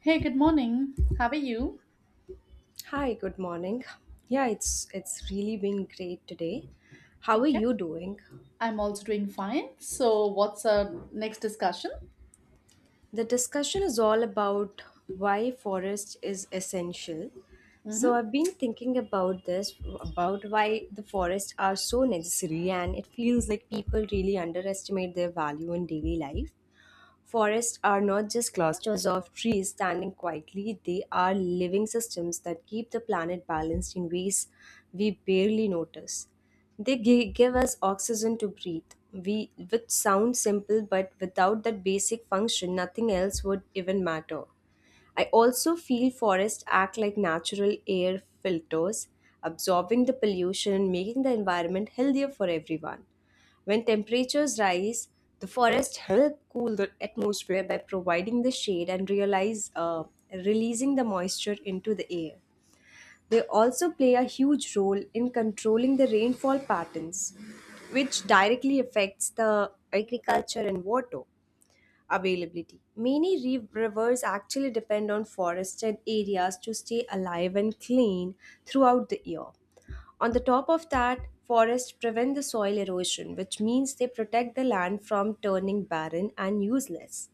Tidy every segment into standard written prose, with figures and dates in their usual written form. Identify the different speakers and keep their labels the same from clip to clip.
Speaker 1: Hey, good morning. How are you?
Speaker 2: Hi, good morning. Yeah, it's really been great today. How are
Speaker 1: Okay.
Speaker 2: you doing?
Speaker 1: I'm also doing fine. So, what's our next discussion?
Speaker 2: The discussion is all about why forest is essential. So
Speaker 1: Mm-hmm.
Speaker 2: I've been thinking about this about why the forests are so necessary and it feels like people really underestimate their value in daily life. Forests are not just clusters of trees standing quietly, they are living systems that keep the planet balanced in ways we barely notice. They give us oxygen to breathe, we, which sounds simple, but without that basic function, nothing else would even matter. I also feel forests act like natural air filters, absorbing the pollution and making the environment healthier for everyone. When temperatures rise, the forests help cool the atmosphere by providing the shade and realize, releasing the moisture into the air. They also play a huge role in controlling the rainfall patterns, which directly affects the agriculture and water availability. Many rivers actually depend on forested areas to stay alive and clean throughout the year. On the top of that, forests prevent the soil erosion, which means they protect the land from turning barren and useless.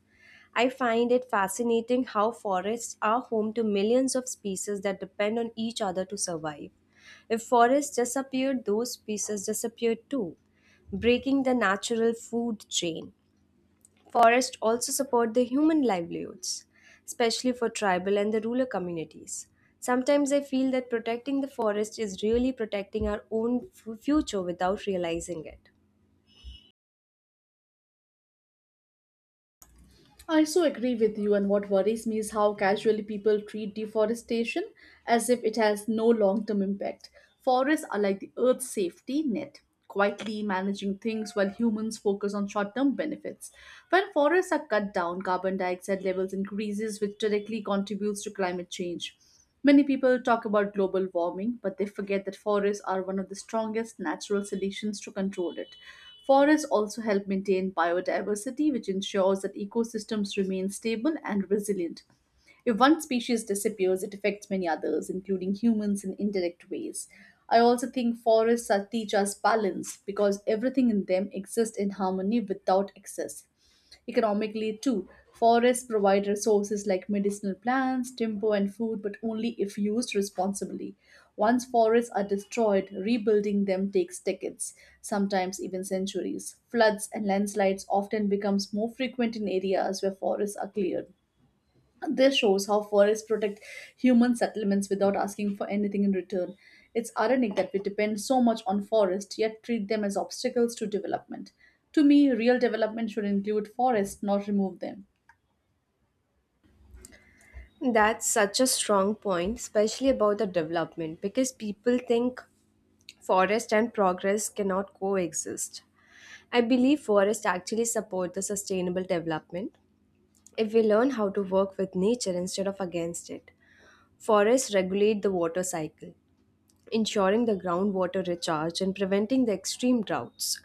Speaker 2: I find it fascinating how forests are home to millions of species that depend on each other to survive. If forests disappeared, those species disappeared too, breaking the natural food chain. Forests also support the human livelihoods, especially for tribal and the rural communities. Sometimes I feel that protecting the forest is really protecting our own future without realizing it.
Speaker 1: I so agree with you, and what worries me is how casually people treat deforestation as if it has no long term impact. Forests are like the earth's safety net, quietly managing things while humans focus on short term benefits. When forests are cut down, carbon dioxide levels increases, which directly contributes to climate change. Many people talk about global warming, but they forget that forests are one of the strongest natural solutions to control it. Forests also help maintain biodiversity, which ensures that ecosystems remain stable and resilient. If one species disappears, it affects many others, including humans in indirect ways. I also think forests are, teach us balance because everything in them exists in harmony without excess. Economically, too, forests provide resources like medicinal plants, timber, and food, but only if used responsibly. Once forests are destroyed, rebuilding them takes decades, sometimes even centuries. Floods and landslides often becomes more frequent in areas where forests are cleared. This shows how forests protect human settlements without asking for anything in return. It's ironic that we depend so much on forests yet treat them as obstacles to development. To me, real development should include forests, not remove them.
Speaker 2: That's such a strong point, especially about the development, because people think forest and progress cannot coexist. I believe forests actually support the sustainable development if we learn how to work with nature instead of against it. Forests regulate the water cycle, ensuring the groundwater recharge and preventing the extreme droughts.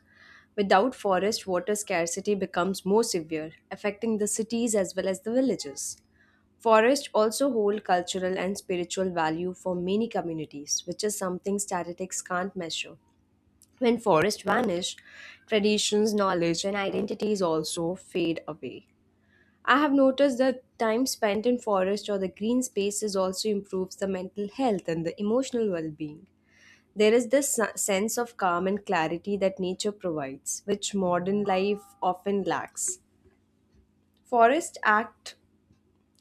Speaker 2: Without forest, water scarcity becomes more severe, affecting the cities as well as the villages. Forests also hold cultural and spiritual value for many communities, which is something statistics can't measure. When forests vanish, traditions, knowledge, and identities also fade away. I have noticed that time spent in forest or the green spaces also improves the mental health and the emotional well-being. There is this sense of calm and clarity that nature provides, which modern life often lacks. Forests act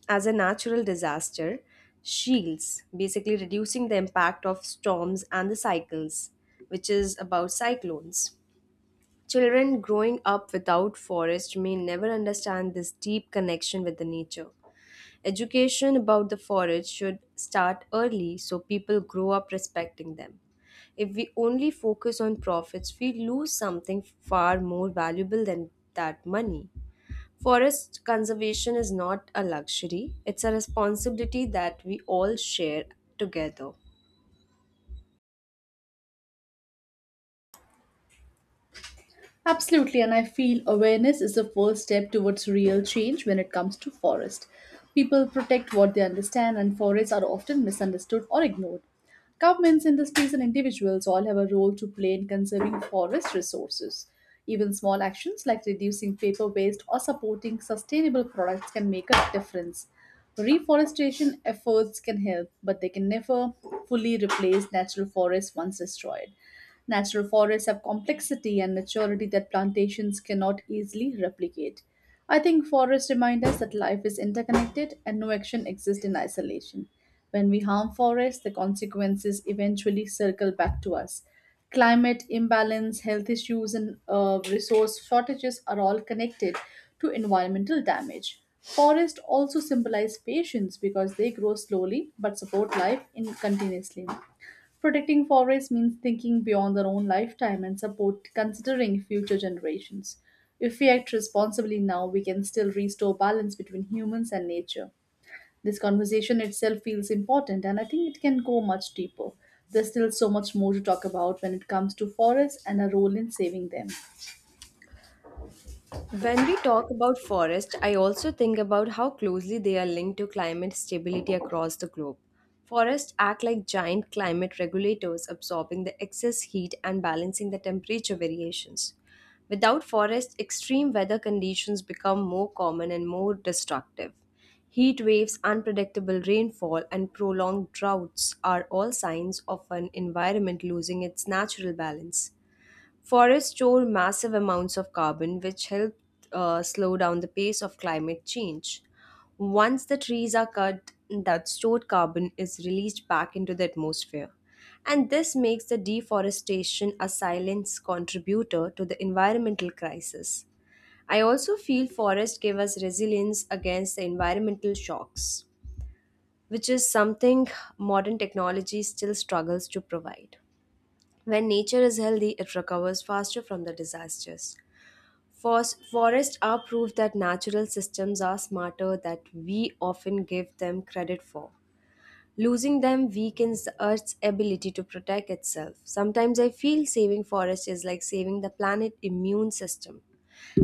Speaker 2: as a natural disaster shields, basically reducing the impact of storms and the cycles, which is about cyclones. Children growing up without forest may never understand this deep connection with the nature. Education about the forest should start early so people grow up respecting them. If we only focus on profits, we lose something far more valuable than that money. Forest conservation is not a luxury, it's a responsibility that we all share together.
Speaker 1: Absolutely, and I feel awareness is the first step towards real change when it comes to forest. People protect what they understand, and forests are often misunderstood or ignored. Governments, industries, and individuals all have a role to play in conserving forest resources. Even small actions like reducing paper waste or supporting sustainable products can make a difference. Reforestation efforts can help, but they can never fully replace natural forests once destroyed. Natural forests have complexity and maturity that plantations cannot easily replicate. I think forests remind us that life is interconnected and no action exists in isolation. When we harm forests, the consequences eventually circle back to us. Climate imbalance, health issues, and resource shortages are all connected to environmental damage. Forests also symbolize patience because they grow slowly but support life in continuously. Protecting forests means thinking beyond our own lifetime and support considering future generations. If we act responsibly now, we can still restore balance between humans and nature. This conversation itself feels important, and I think it can go much deeper. There's still so much more to talk about when it comes to forests and our role in saving them.
Speaker 2: When we talk about forests, I also think about how closely they are linked to climate stability across the globe. Forests act like giant climate regulators, absorbing the excess heat and balancing the temperature variations. Without forests, extreme weather conditions become more common and more destructive. Heat waves, unpredictable rainfall, and prolonged droughts are all signs of an environment losing its natural balance. Forests store massive amounts of carbon, which help slow down the pace of climate change. Once the trees are cut, that stored carbon is released back into the atmosphere. And this makes the deforestation a silent contributor to the environmental crisis. I also feel forests give us resilience against the environmental shocks, which is something modern technology still struggles to provide. When nature is healthy, it recovers faster from the disasters. Forests are proof that natural systems are smarter than we often give them credit for. Losing them weakens the Earth's ability to protect itself. Sometimes I feel saving forests is like saving the planet's immune system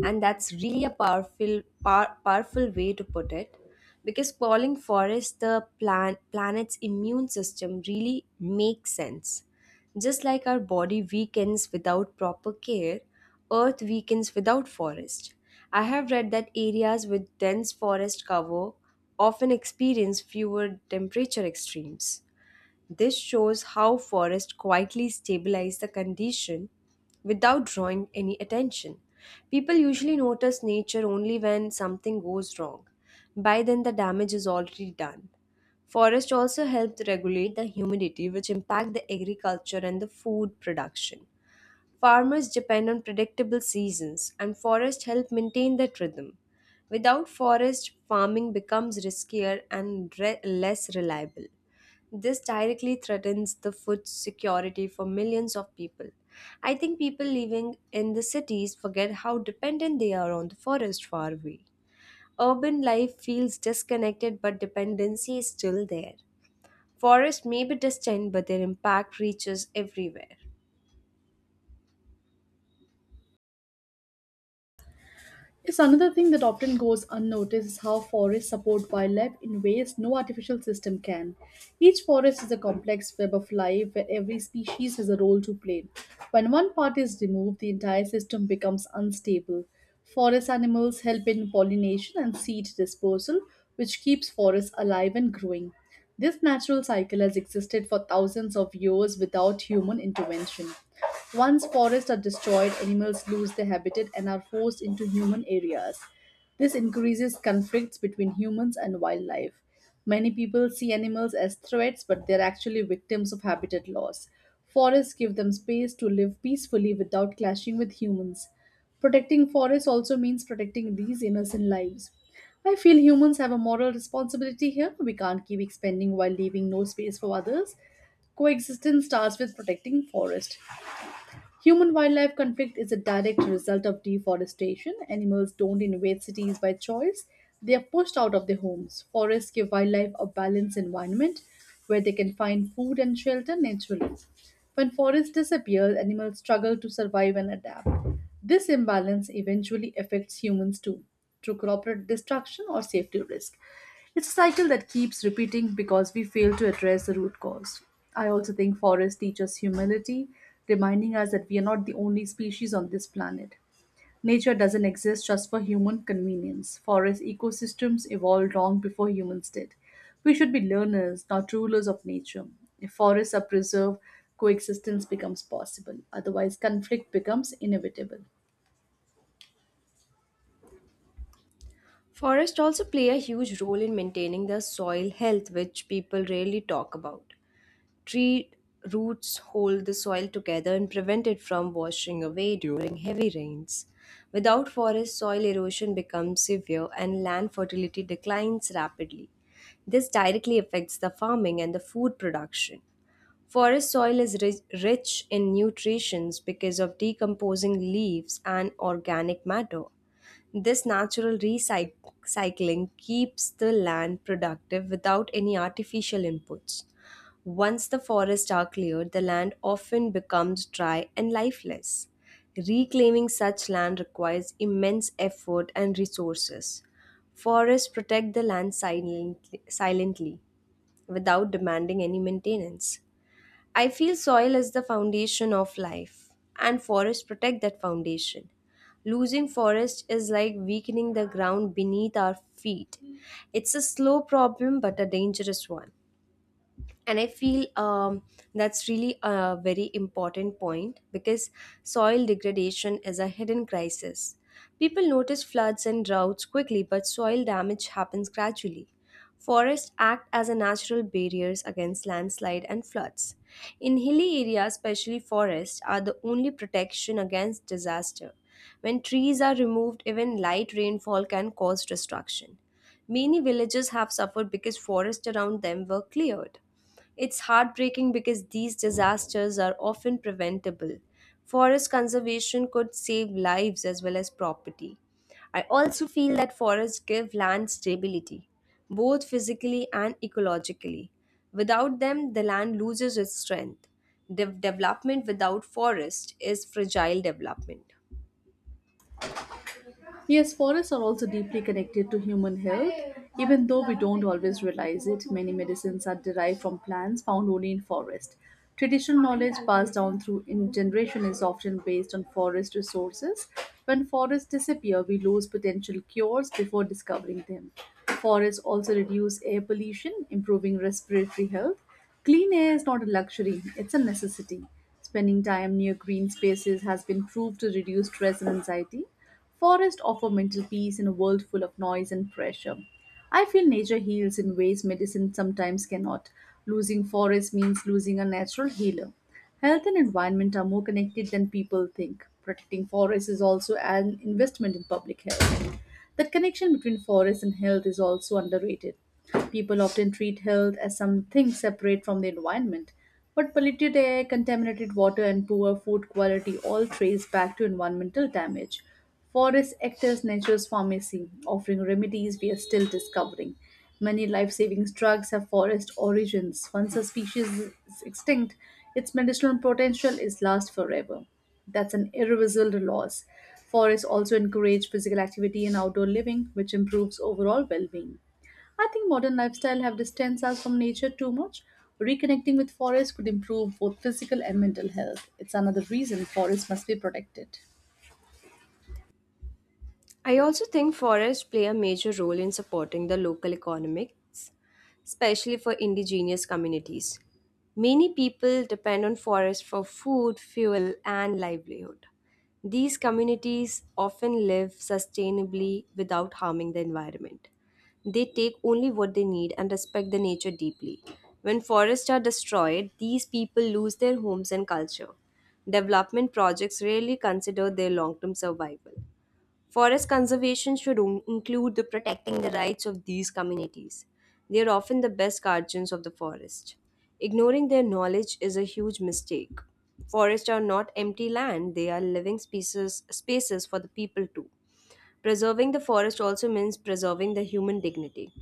Speaker 2: and that's really a powerful way to put it because calling forests the planet's immune system really makes sense just like our body weakens without proper care, earth weakens without forest. I have read that areas with dense forest cover often experience fewer temperature extremes. This shows how forests quietly stabilize the condition without drawing any attention. People usually notice nature only when something goes wrong. By then, the damage is already done. Forests also help to regulate the humidity, which impact the agriculture and the food production. Farmers depend on predictable seasons, and forests help maintain that rhythm. Without forest, farming becomes riskier and less reliable. This directly threatens the food security for millions of people. I think people living in the cities forget how dependent they are on the forest far away. Urban life feels disconnected, but dependency is still there. Forests may be distant, but their impact reaches everywhere.
Speaker 1: Yes, another thing that often goes unnoticed is how forests support wildlife in ways no artificial system can. Each forest is a complex web of life where every species has a role to play. When one part is removed, the entire system becomes unstable. Forest animals help in pollination and seed dispersal, which keeps forests alive and growing. This natural cycle has existed for thousands of years without human intervention. Once forests are destroyed, animals lose their habitat and are forced into human areas. This increases conflicts between humans and wildlife. Many people see animals as threats, but they're actually victims of habitat loss. Forests give them space to live peacefully without clashing with humans. Protecting forests also means protecting these innocent lives. I feel humans have a moral responsibility here. We can't keep expanding while leaving no space for others. Coexistence starts with protecting forest. Human wildlife conflict is a direct result of deforestation. Animals don't invade cities by choice, they are pushed out of their homes. Forests give wildlife a balanced environment where they can find food and shelter naturally. When forests disappear, animals struggle to survive and adapt. This imbalance eventually affects humans too, through corporate destruction or safety risk. It's a cycle that keeps repeating because we fail to address the root cause. I also think forests teach us humility, reminding us that we are not the only species on this planet. Nature doesn't exist just for human convenience. Forest ecosystems evolved long before humans did. We should be learners, not rulers of nature. If forests are preserved, coexistence becomes possible. Otherwise, conflict becomes inevitable.
Speaker 2: Forests also play a huge role in maintaining the soil health, which people rarely talk about. Tree roots hold the soil together and prevent it from washing away during heavy rains. Without forests, soil erosion becomes severe and land fertility declines rapidly. This directly affects the farming and the food production. Forest soil is rich in nutrients because of decomposing leaves and organic matter. This natural recycling keeps the land productive without any artificial inputs. Once the forests are cleared, the land often becomes dry and lifeless. Reclaiming such land requires immense effort and resources. Forests protect the land silently without demanding any maintenance. I feel soil is the foundation of life, and forests protect that foundation. Losing forest is like weakening the ground beneath our feet. It's a slow problem, but a dangerous one. And I feel that's really a very important point because soil degradation is a hidden crisis. People notice floods and droughts quickly, but soil damage happens gradually. Forests act as a natural barriers against landslide and floods. In hilly areas especially, forests are the only protection against disaster. When trees are removed, even light rainfall can cause destruction. Many villages have suffered because forests around them were cleared. It's heartbreaking because these disasters are often preventable. Forest conservation could save lives as well as property. I also feel that forests give land stability, both physically and ecologically. Without them, the land loses its strength. Development without forest is fragile development.
Speaker 1: Yes, forests are also deeply connected to human health. Even though we don't always realize it, many medicines are derived from plants found only in forest. Traditional knowledge passed down through in generation is often based on forest resources. When forests disappear, we lose potential cures before discovering them. Forests also reduce air pollution, improving respiratory health. Clean air is not a luxury, it's a necessity. Spending time near green spaces has been proved to reduce stress and anxiety. Forests offer mental peace in a world full of noise and pressure. I feel nature heals in ways medicine sometimes cannot. Losing forests means losing a natural healer. Health and environment are more connected than people think. Protecting forests is also an investment in public health. That connection between forest and health is also underrated. People often treat health as something separate from the environment, but polluted air, contaminated water, and poor food quality all trace back to environmental damage. Forests act as Nature's Pharmacy, offering remedies we are still discovering. Many life saving drugs have forest origins. Once a species is extinct, its medicinal potential is lost forever. That's an irreversible loss. Forests also encourage physical activity and outdoor living, which improves overall well being. I think modern lifestyle have distanced us from nature too much. Reconnecting with forests could improve both physical and mental health. It's another reason forests must be protected.
Speaker 2: I also think forests play a major role in supporting the local economics, especially for indigenous communities. Many people depend on forests for food, fuel, and livelihood. These communities often live sustainably without harming the environment. They take only what they need and respect the nature deeply. When forests are destroyed, these people lose their homes and culture. Development projects rarely consider their long term survival. Forest conservation should include the protecting the rights of these communities. They are often the best guardians of the forest. Ignoring their knowledge is a huge mistake. Forests are not empty land, they are living species, spaces for the people too. Preserving the forest also means preserving the human dignity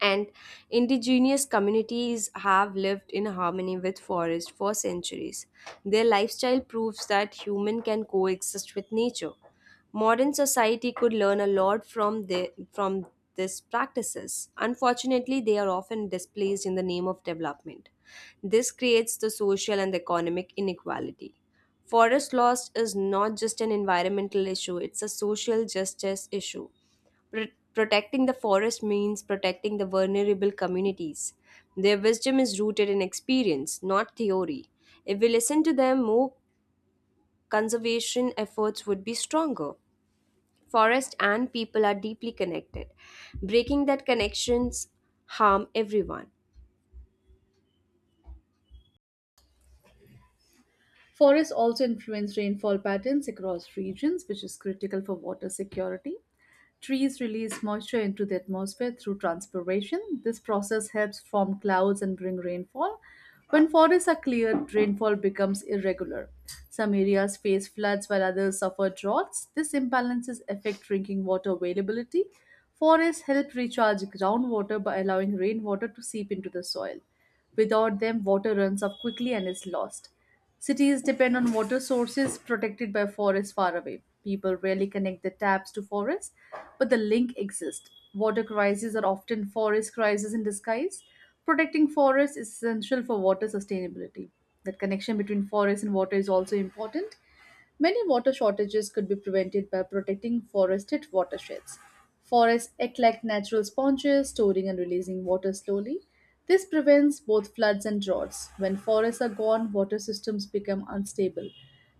Speaker 2: and indigenous communities have lived in harmony with forest for centuries. Their lifestyle proves that human can coexist with nature. Modern society could learn a lot from these practices. Unfortunately, they are often displaced in the name of development. This creates the social and economic inequality. Forest loss is not just an environmental issue, it's a social justice issue. Pr- protecting the forest means protecting the vulnerable communities. Their wisdom is rooted in experience, not theory. If we listen to them, more conservation efforts would be stronger. Forest and people are deeply connected. Breaking that connections harm everyone.
Speaker 1: Forests also influence rainfall patterns across regions, which is critical for water security. Trees release moisture into the atmosphere through transpiration. This process helps form clouds and bring rainfall. When forests are cleared, rainfall becomes irregular. Some areas face floods while others suffer droughts. This imbalances affect drinking water availability. Forests help recharge groundwater by allowing rainwater to seep into the soil. Without them, water runs off quickly and is lost. Cities depend on water sources protected by forests far away. People rarely connect their taps to forests, but the link exists. Water crises are often forest crises in disguise. Protecting forests is essential for water sustainability. That connection between forest and water is also important. Many water shortages could be prevented by protecting forested watersheds. Forests act like natural sponges, storing and releasing water slowly. This prevents both floods and droughts. When forests are gone, water systems become unstable.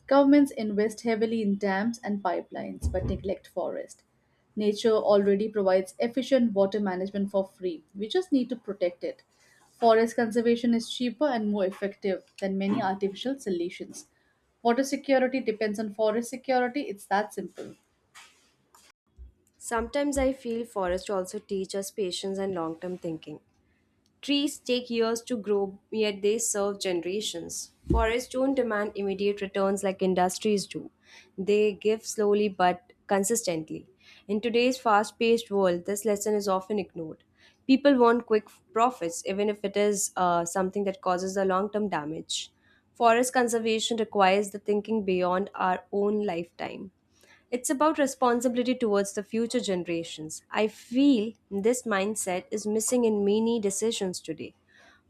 Speaker 1: Governments invest heavily in dams and pipelines but neglect forests. Nature already provides efficient water management for free. We just need to protect it. Forest conservation is cheaper and more effective than many artificial solutions. Water security depends on forest security. It's that simple.
Speaker 2: Sometimes I feel forest also teach us patience and long-term thinking. Trees take years to grow, yet they serve generations. Forests don't demand immediate returns like industries do. They give slowly but consistently. In today's fast paced world, this lesson is often ignored. People want quick profits, even if it is something that causes a long term damage. Forest conservation requires the thinking beyond our own lifetime. It's about responsibility towards the future generations. I feel this mindset is missing in many decisions today.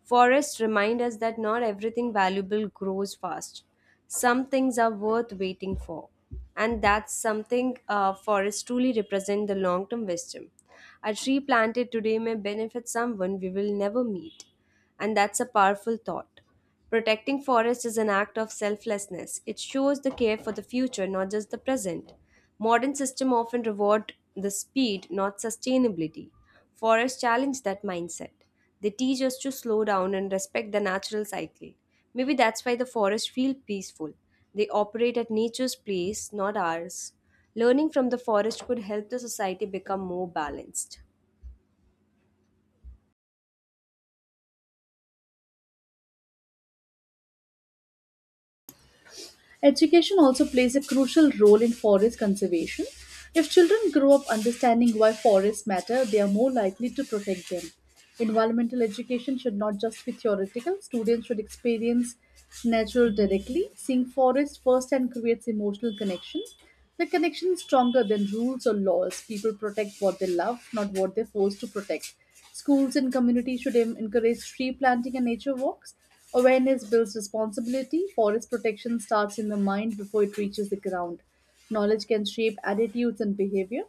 Speaker 2: Forests remind us that not everything valuable grows fast. Some things are worth waiting for. And that's something forests truly represent the long term wisdom. A tree planted today may benefit someone we will never meet. And that's a powerful thought. Protecting forests is an act of selflessness. It shows the care for the future, not just the present. Modern system often reward the speed, not sustainability. Forests challenge that mindset. They teach us to slow down and respect the natural cycle. Maybe that's why the forests feel peaceful. They operate at nature's pace, not ours. Learning from the forest could help the society become more balanced.
Speaker 1: Education also plays a crucial role in forest conservation. If children grow up understanding why forests matter, they are more likely to protect them. Environmental education should not just be theoretical, students should experience nature directly. Seeing forests firsthand creates emotional connection. The connection is stronger than rules or laws. People protect what they love, not what they're forced to protect. Schools and communities should encourage tree planting and nature walks. Awareness builds responsibility. Forest protection starts in the mind before it reaches the ground. Knowledge can shape attitudes and behavior.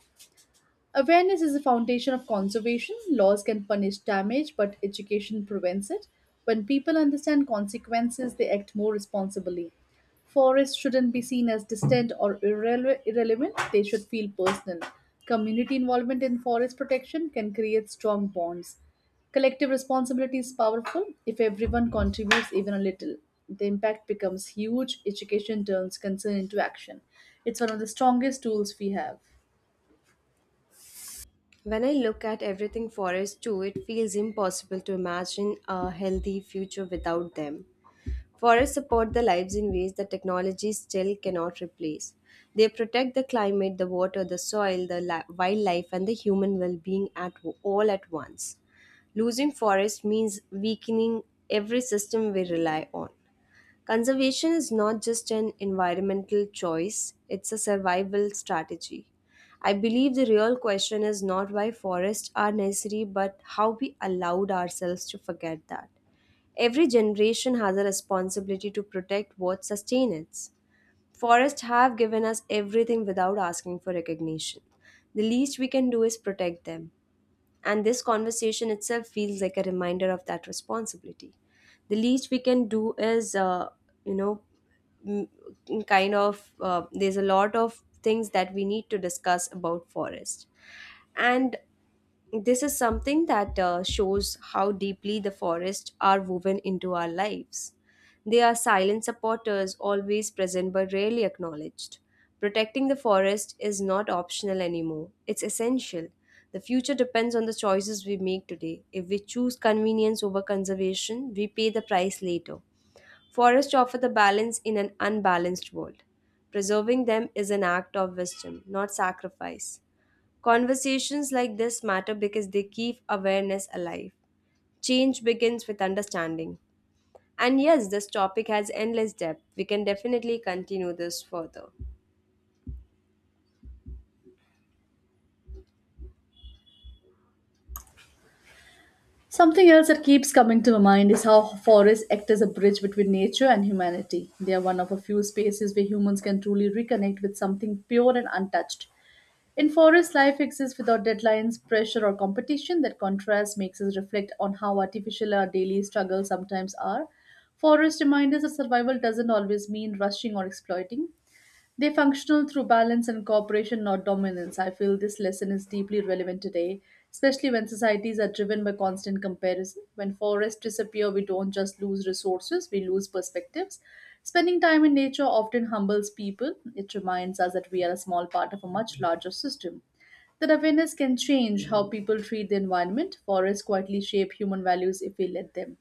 Speaker 1: Awareness is the foundation of conservation. Laws can punish damage, but education prevents it. When people understand consequences, they act more responsibly. Forests shouldn't be seen as distant or irrelevant, they should feel personal. Community involvement in forest protection can create strong bonds. Collective responsibility is powerful. If everyone contributes even a little, the impact becomes huge. Education turns concern into action. It's one of the strongest tools we have.
Speaker 2: When I look at everything forests do, it feels impossible to imagine a healthy future without them. Forests support the lives in ways that technology still cannot replace. They protect the climate, the water, the soil, the wildlife, and the human well being at all at once. Losing forests means weakening every system we rely on. Conservation is not just an environmental choice, it's a survival strategy. I believe the real question is not why forests are necessary, but how we allowed ourselves to forget that. Every generation has a responsibility to protect what sustains it. Forests have given us everything without asking for recognition. The least we can do is protect them. And this conversation itself feels like a reminder of that responsibility. The least we can do is, you know, m- there's a lot of things that we need to discuss about forest. And this is something that shows how deeply the forests are woven into our lives. They are silent supporters, always present but rarely acknowledged. Protecting the forest is not optional anymore, it's essential. The future depends on the choices we make today. If we choose convenience over conservation, we pay the price later. Forests offer the balance in an unbalanced world. Preserving them is an act of wisdom, not sacrifice. Conversations like this matter because they keep awareness alive. Change begins with understanding. And yes, this topic has endless depth. We can definitely continue this further.
Speaker 1: Something else that keeps coming to my mind is how forests act as a bridge between nature and humanity. They are one of a few spaces where humans can truly reconnect with something pure and untouched. In forests, life exists without deadlines, pressure, or competition. That contrast makes us reflect on how artificial our daily struggles sometimes are. Forest remind us that survival doesn't always mean rushing or exploiting. They functional through balance and cooperation, not dominance. I feel this lesson is deeply relevant today, especially when societies are driven by constant comparison. When forests disappear, we don't just lose resources, we lose perspectives. Spending time in nature often humbles people. It reminds us that we are a small part of a much larger system. That awareness can change how people treat the environment. Forests quietly shape human values if we let them.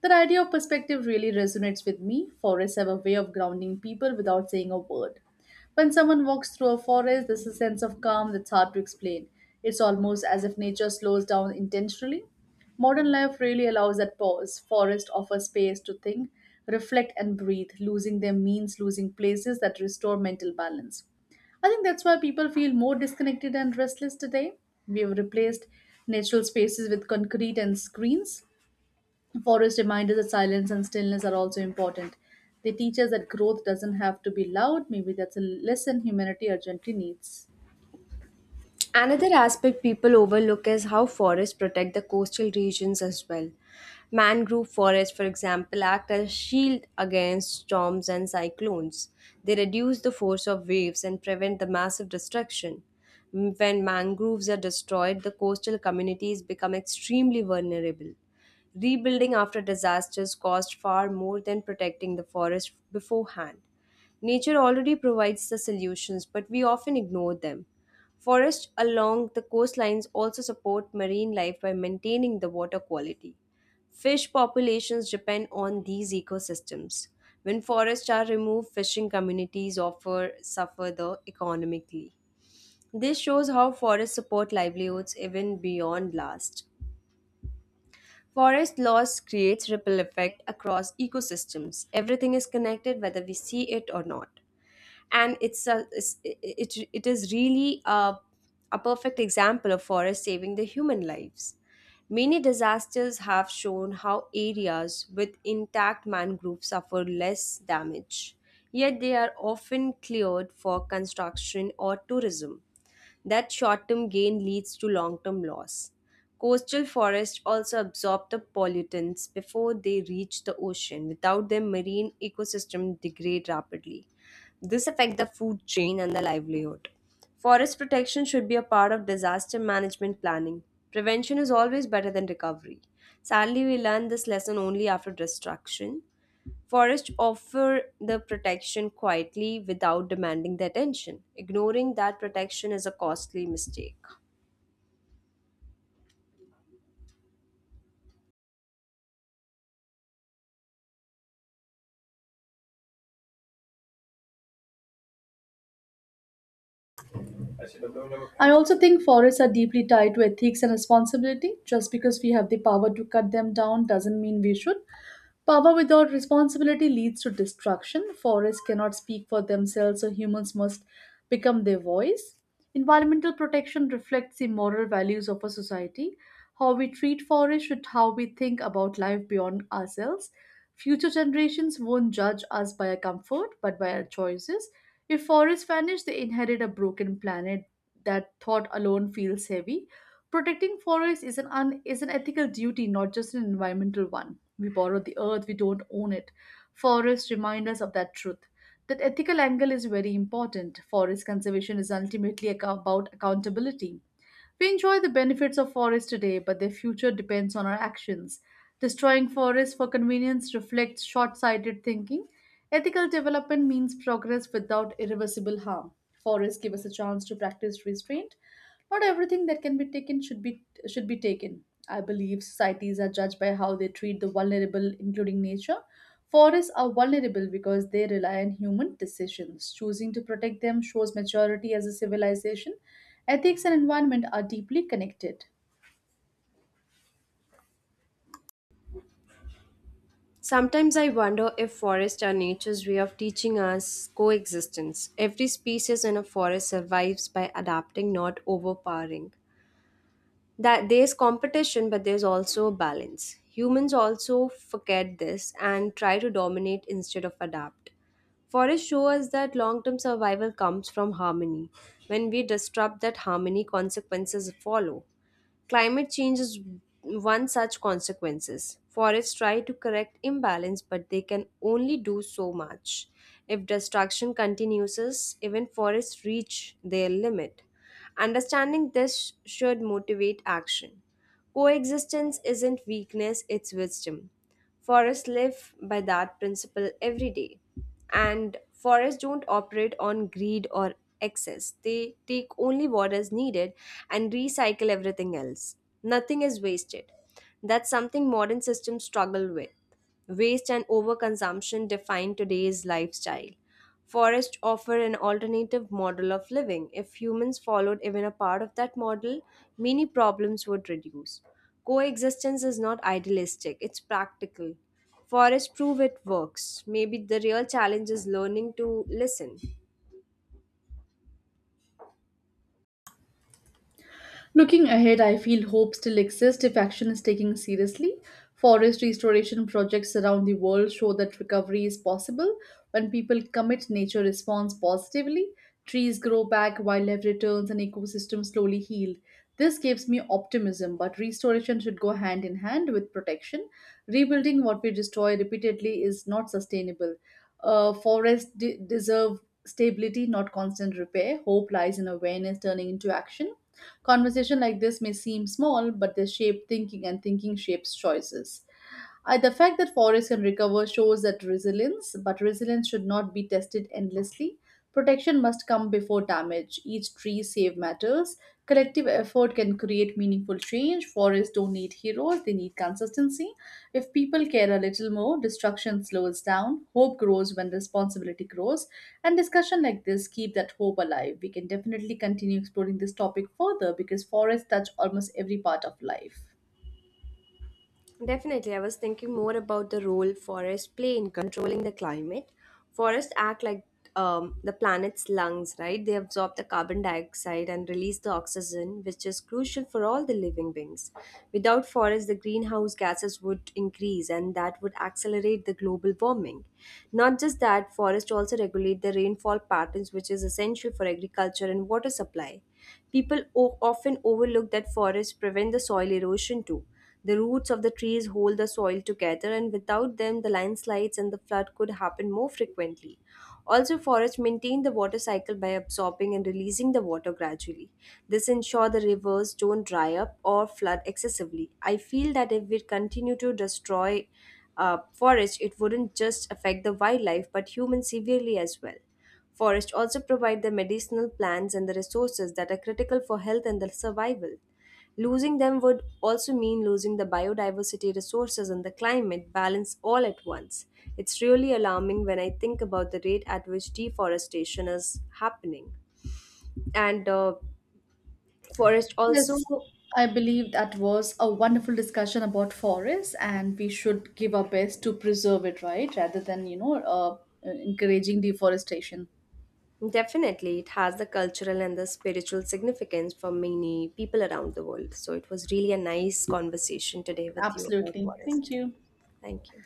Speaker 1: That idea of perspective really resonates with me. Forests have a way of grounding people without saying a word. When someone walks through a forest, there's a sense of calm that's hard to explain. It's almost as if nature slows down intentionally. Modern life really allows that pause. Forests offer space to think, reflect, and breathe. Losing them means losing places that restore mental balance. I think that's why people feel more disconnected and restless today. We have replaced natural spaces with concrete and screens. Forest reminders that silence and stillness are also important. They teach us that growth doesn't have to be loud. Maybe that's a lesson humanity urgently needs.
Speaker 2: Another aspect people overlook is how forests protect the coastal regions as well. Mangrove forests, for example, act as shield against storms and cyclones. They reduce the force of waves and prevent the massive destruction. When mangroves are destroyed, the coastal communities become extremely vulnerable. Rebuilding after disasters costs far more than protecting the forest beforehand. Nature already provides the solutions, but we often ignore them. Forests along the coastlines also support marine life by maintaining the water quality. Fish populations depend on these ecosystems. When forests are removed, fishing communities offer suffer the economically. This shows how forests support livelihoods even beyond last. Forest loss creates ripple effect across ecosystems. Everything is connected whether we see it or not, and it's a it's, it is really a perfect example of forest saving the human lives. Many disasters have shown how areas with intact mangroves suffer less damage, yet they are often cleared for construction or tourism. That short-term gain leads to long-term loss. Coastal forests also absorb the pollutants before they reach the ocean. Without them, marine ecosystems degrade rapidly. This affects the food chain and the livelihood. Forest protection should be a part of disaster management planning. Prevention is always better than recovery. Sadly, we learn this lesson only after destruction. Forests offer the protection quietly without demanding the attention. Ignoring that protection is a costly mistake.
Speaker 1: I also think forests are deeply tied to ethics and responsibility. Just because we have the power to cut them down doesn't mean we should. Power without responsibility leads to destruction. Forests cannot speak for themselves, so humans must become their voice. Environmental protection reflects the moral values of a society. How we treat forests should how we think about life beyond ourselves. Future generations won't judge us by our comfort, but by our choices. If forests vanish, they inherit a broken planet that thought alone feels heavy. Protecting forests is an ethical duty, not just an environmental one. We borrow the earth, we don't own it. Forests remind us of that truth. That ethical angle is very important. Forest conservation is ultimately about accountability. We enjoy the benefits of forests today, but their future depends on our actions. Destroying forests for convenience reflects short sighted thinking. Ethical development means progress without irreversible harm. Forests give us a chance to practice restraint, not everything that can be taken should be taken. I believe societies are judged by how they treat the vulnerable, including nature. Forests are vulnerable because they rely on human decisions. Choosing to protect them shows maturity as a civilization. Ethics and environment are deeply connected.
Speaker 2: Sometimes I wonder if forests are nature's way of teaching us coexistence. Every species in a forest survives by adapting, not overpowering. That there's competition, but there's also a balance. Humans also forget this and try to dominate instead of adapt. Forests show us that long-term survival comes from harmony. When we disrupt that harmony, consequences follow. Climate change is one such consequences. Forests try to correct imbalance, but they can only do so much. If destruction continues, even forests reach their limit. Understanding this should motivate action. Coexistence isn't weakness, it's wisdom. Forests live by that principle every day. And forests don't operate on greed or excess. They take only what is needed and recycle everything else. Nothing is wasted. That's something modern systems struggle with. Waste and overconsumption define today's lifestyle. Forests offer an alternative model of living. If humans followed even a part of that model, many problems would reduce. Coexistence is not idealistic, it's practical. Forests prove it works. Maybe the real challenge is learning to listen.
Speaker 1: Looking ahead, I feel hope still exists if action is taken seriously. Forest restoration projects around the world show that recovery is possible when people commit, nature responds positively. Trees grow back, wildlife returns, and ecosystems slowly heal. This gives me optimism, but restoration should go hand in hand with protection. Rebuilding what we destroy repeatedly is not sustainable. Forests deserve stability, not constant repair. Hope lies in awareness turning into action. Conversation like this may seem small, but they shape thinking, and thinking shapes choices. The fact that forests can recover shows that resilience, but resilience should not be tested endlessly. Protection must come before damage. Each tree save matters. Collective effort can create meaningful change. Forests don't need heroes, they need consistency. If people care a little more, destruction slows down. Hope grows when responsibility grows. And discussion like this keep that hope alive. We can definitely continue exploring this topic further because forests touch almost every part of life.
Speaker 2: Definitely, I was thinking more about the role forests play in controlling the climate. Forests act like the planet's lungs, right? They absorb the carbon dioxide and release the oxygen, which is crucial for all the living beings. Without forests, the greenhouse gases would increase, and that would accelerate the global warming. Not just that, forests also regulate the rainfall patterns, which is essential for agriculture and water supply. People often overlook that forests prevent the soil erosion too. The roots of the trees hold the soil together, and without them, the landslides and the flood could happen more frequently. Also, forests maintain the water cycle by absorbing and releasing the water gradually. This ensures the rivers don't dry up or flood excessively. I feel that if we continue to destroy forests, it wouldn't just affect the wildlife but humans severely as well. Forests also provide the medicinal plants and the resources that are critical for health and the survival. Losing them would also mean losing the biodiversity resources and the climate balance all at once. It's really alarming when I think about the rate at which deforestation is happening. And forest also
Speaker 1: Yes, I believe that was a wonderful discussion about forests, and we should give our best to preserve it, right? Rather than, encouraging deforestation.
Speaker 2: definitely it has the cultural and the spiritual significance for many people around the world. So it was really a nice conversation today with you about
Speaker 1: Absolutely. Thank
Speaker 2: forest.
Speaker 1: you.
Speaker 2: Thank you.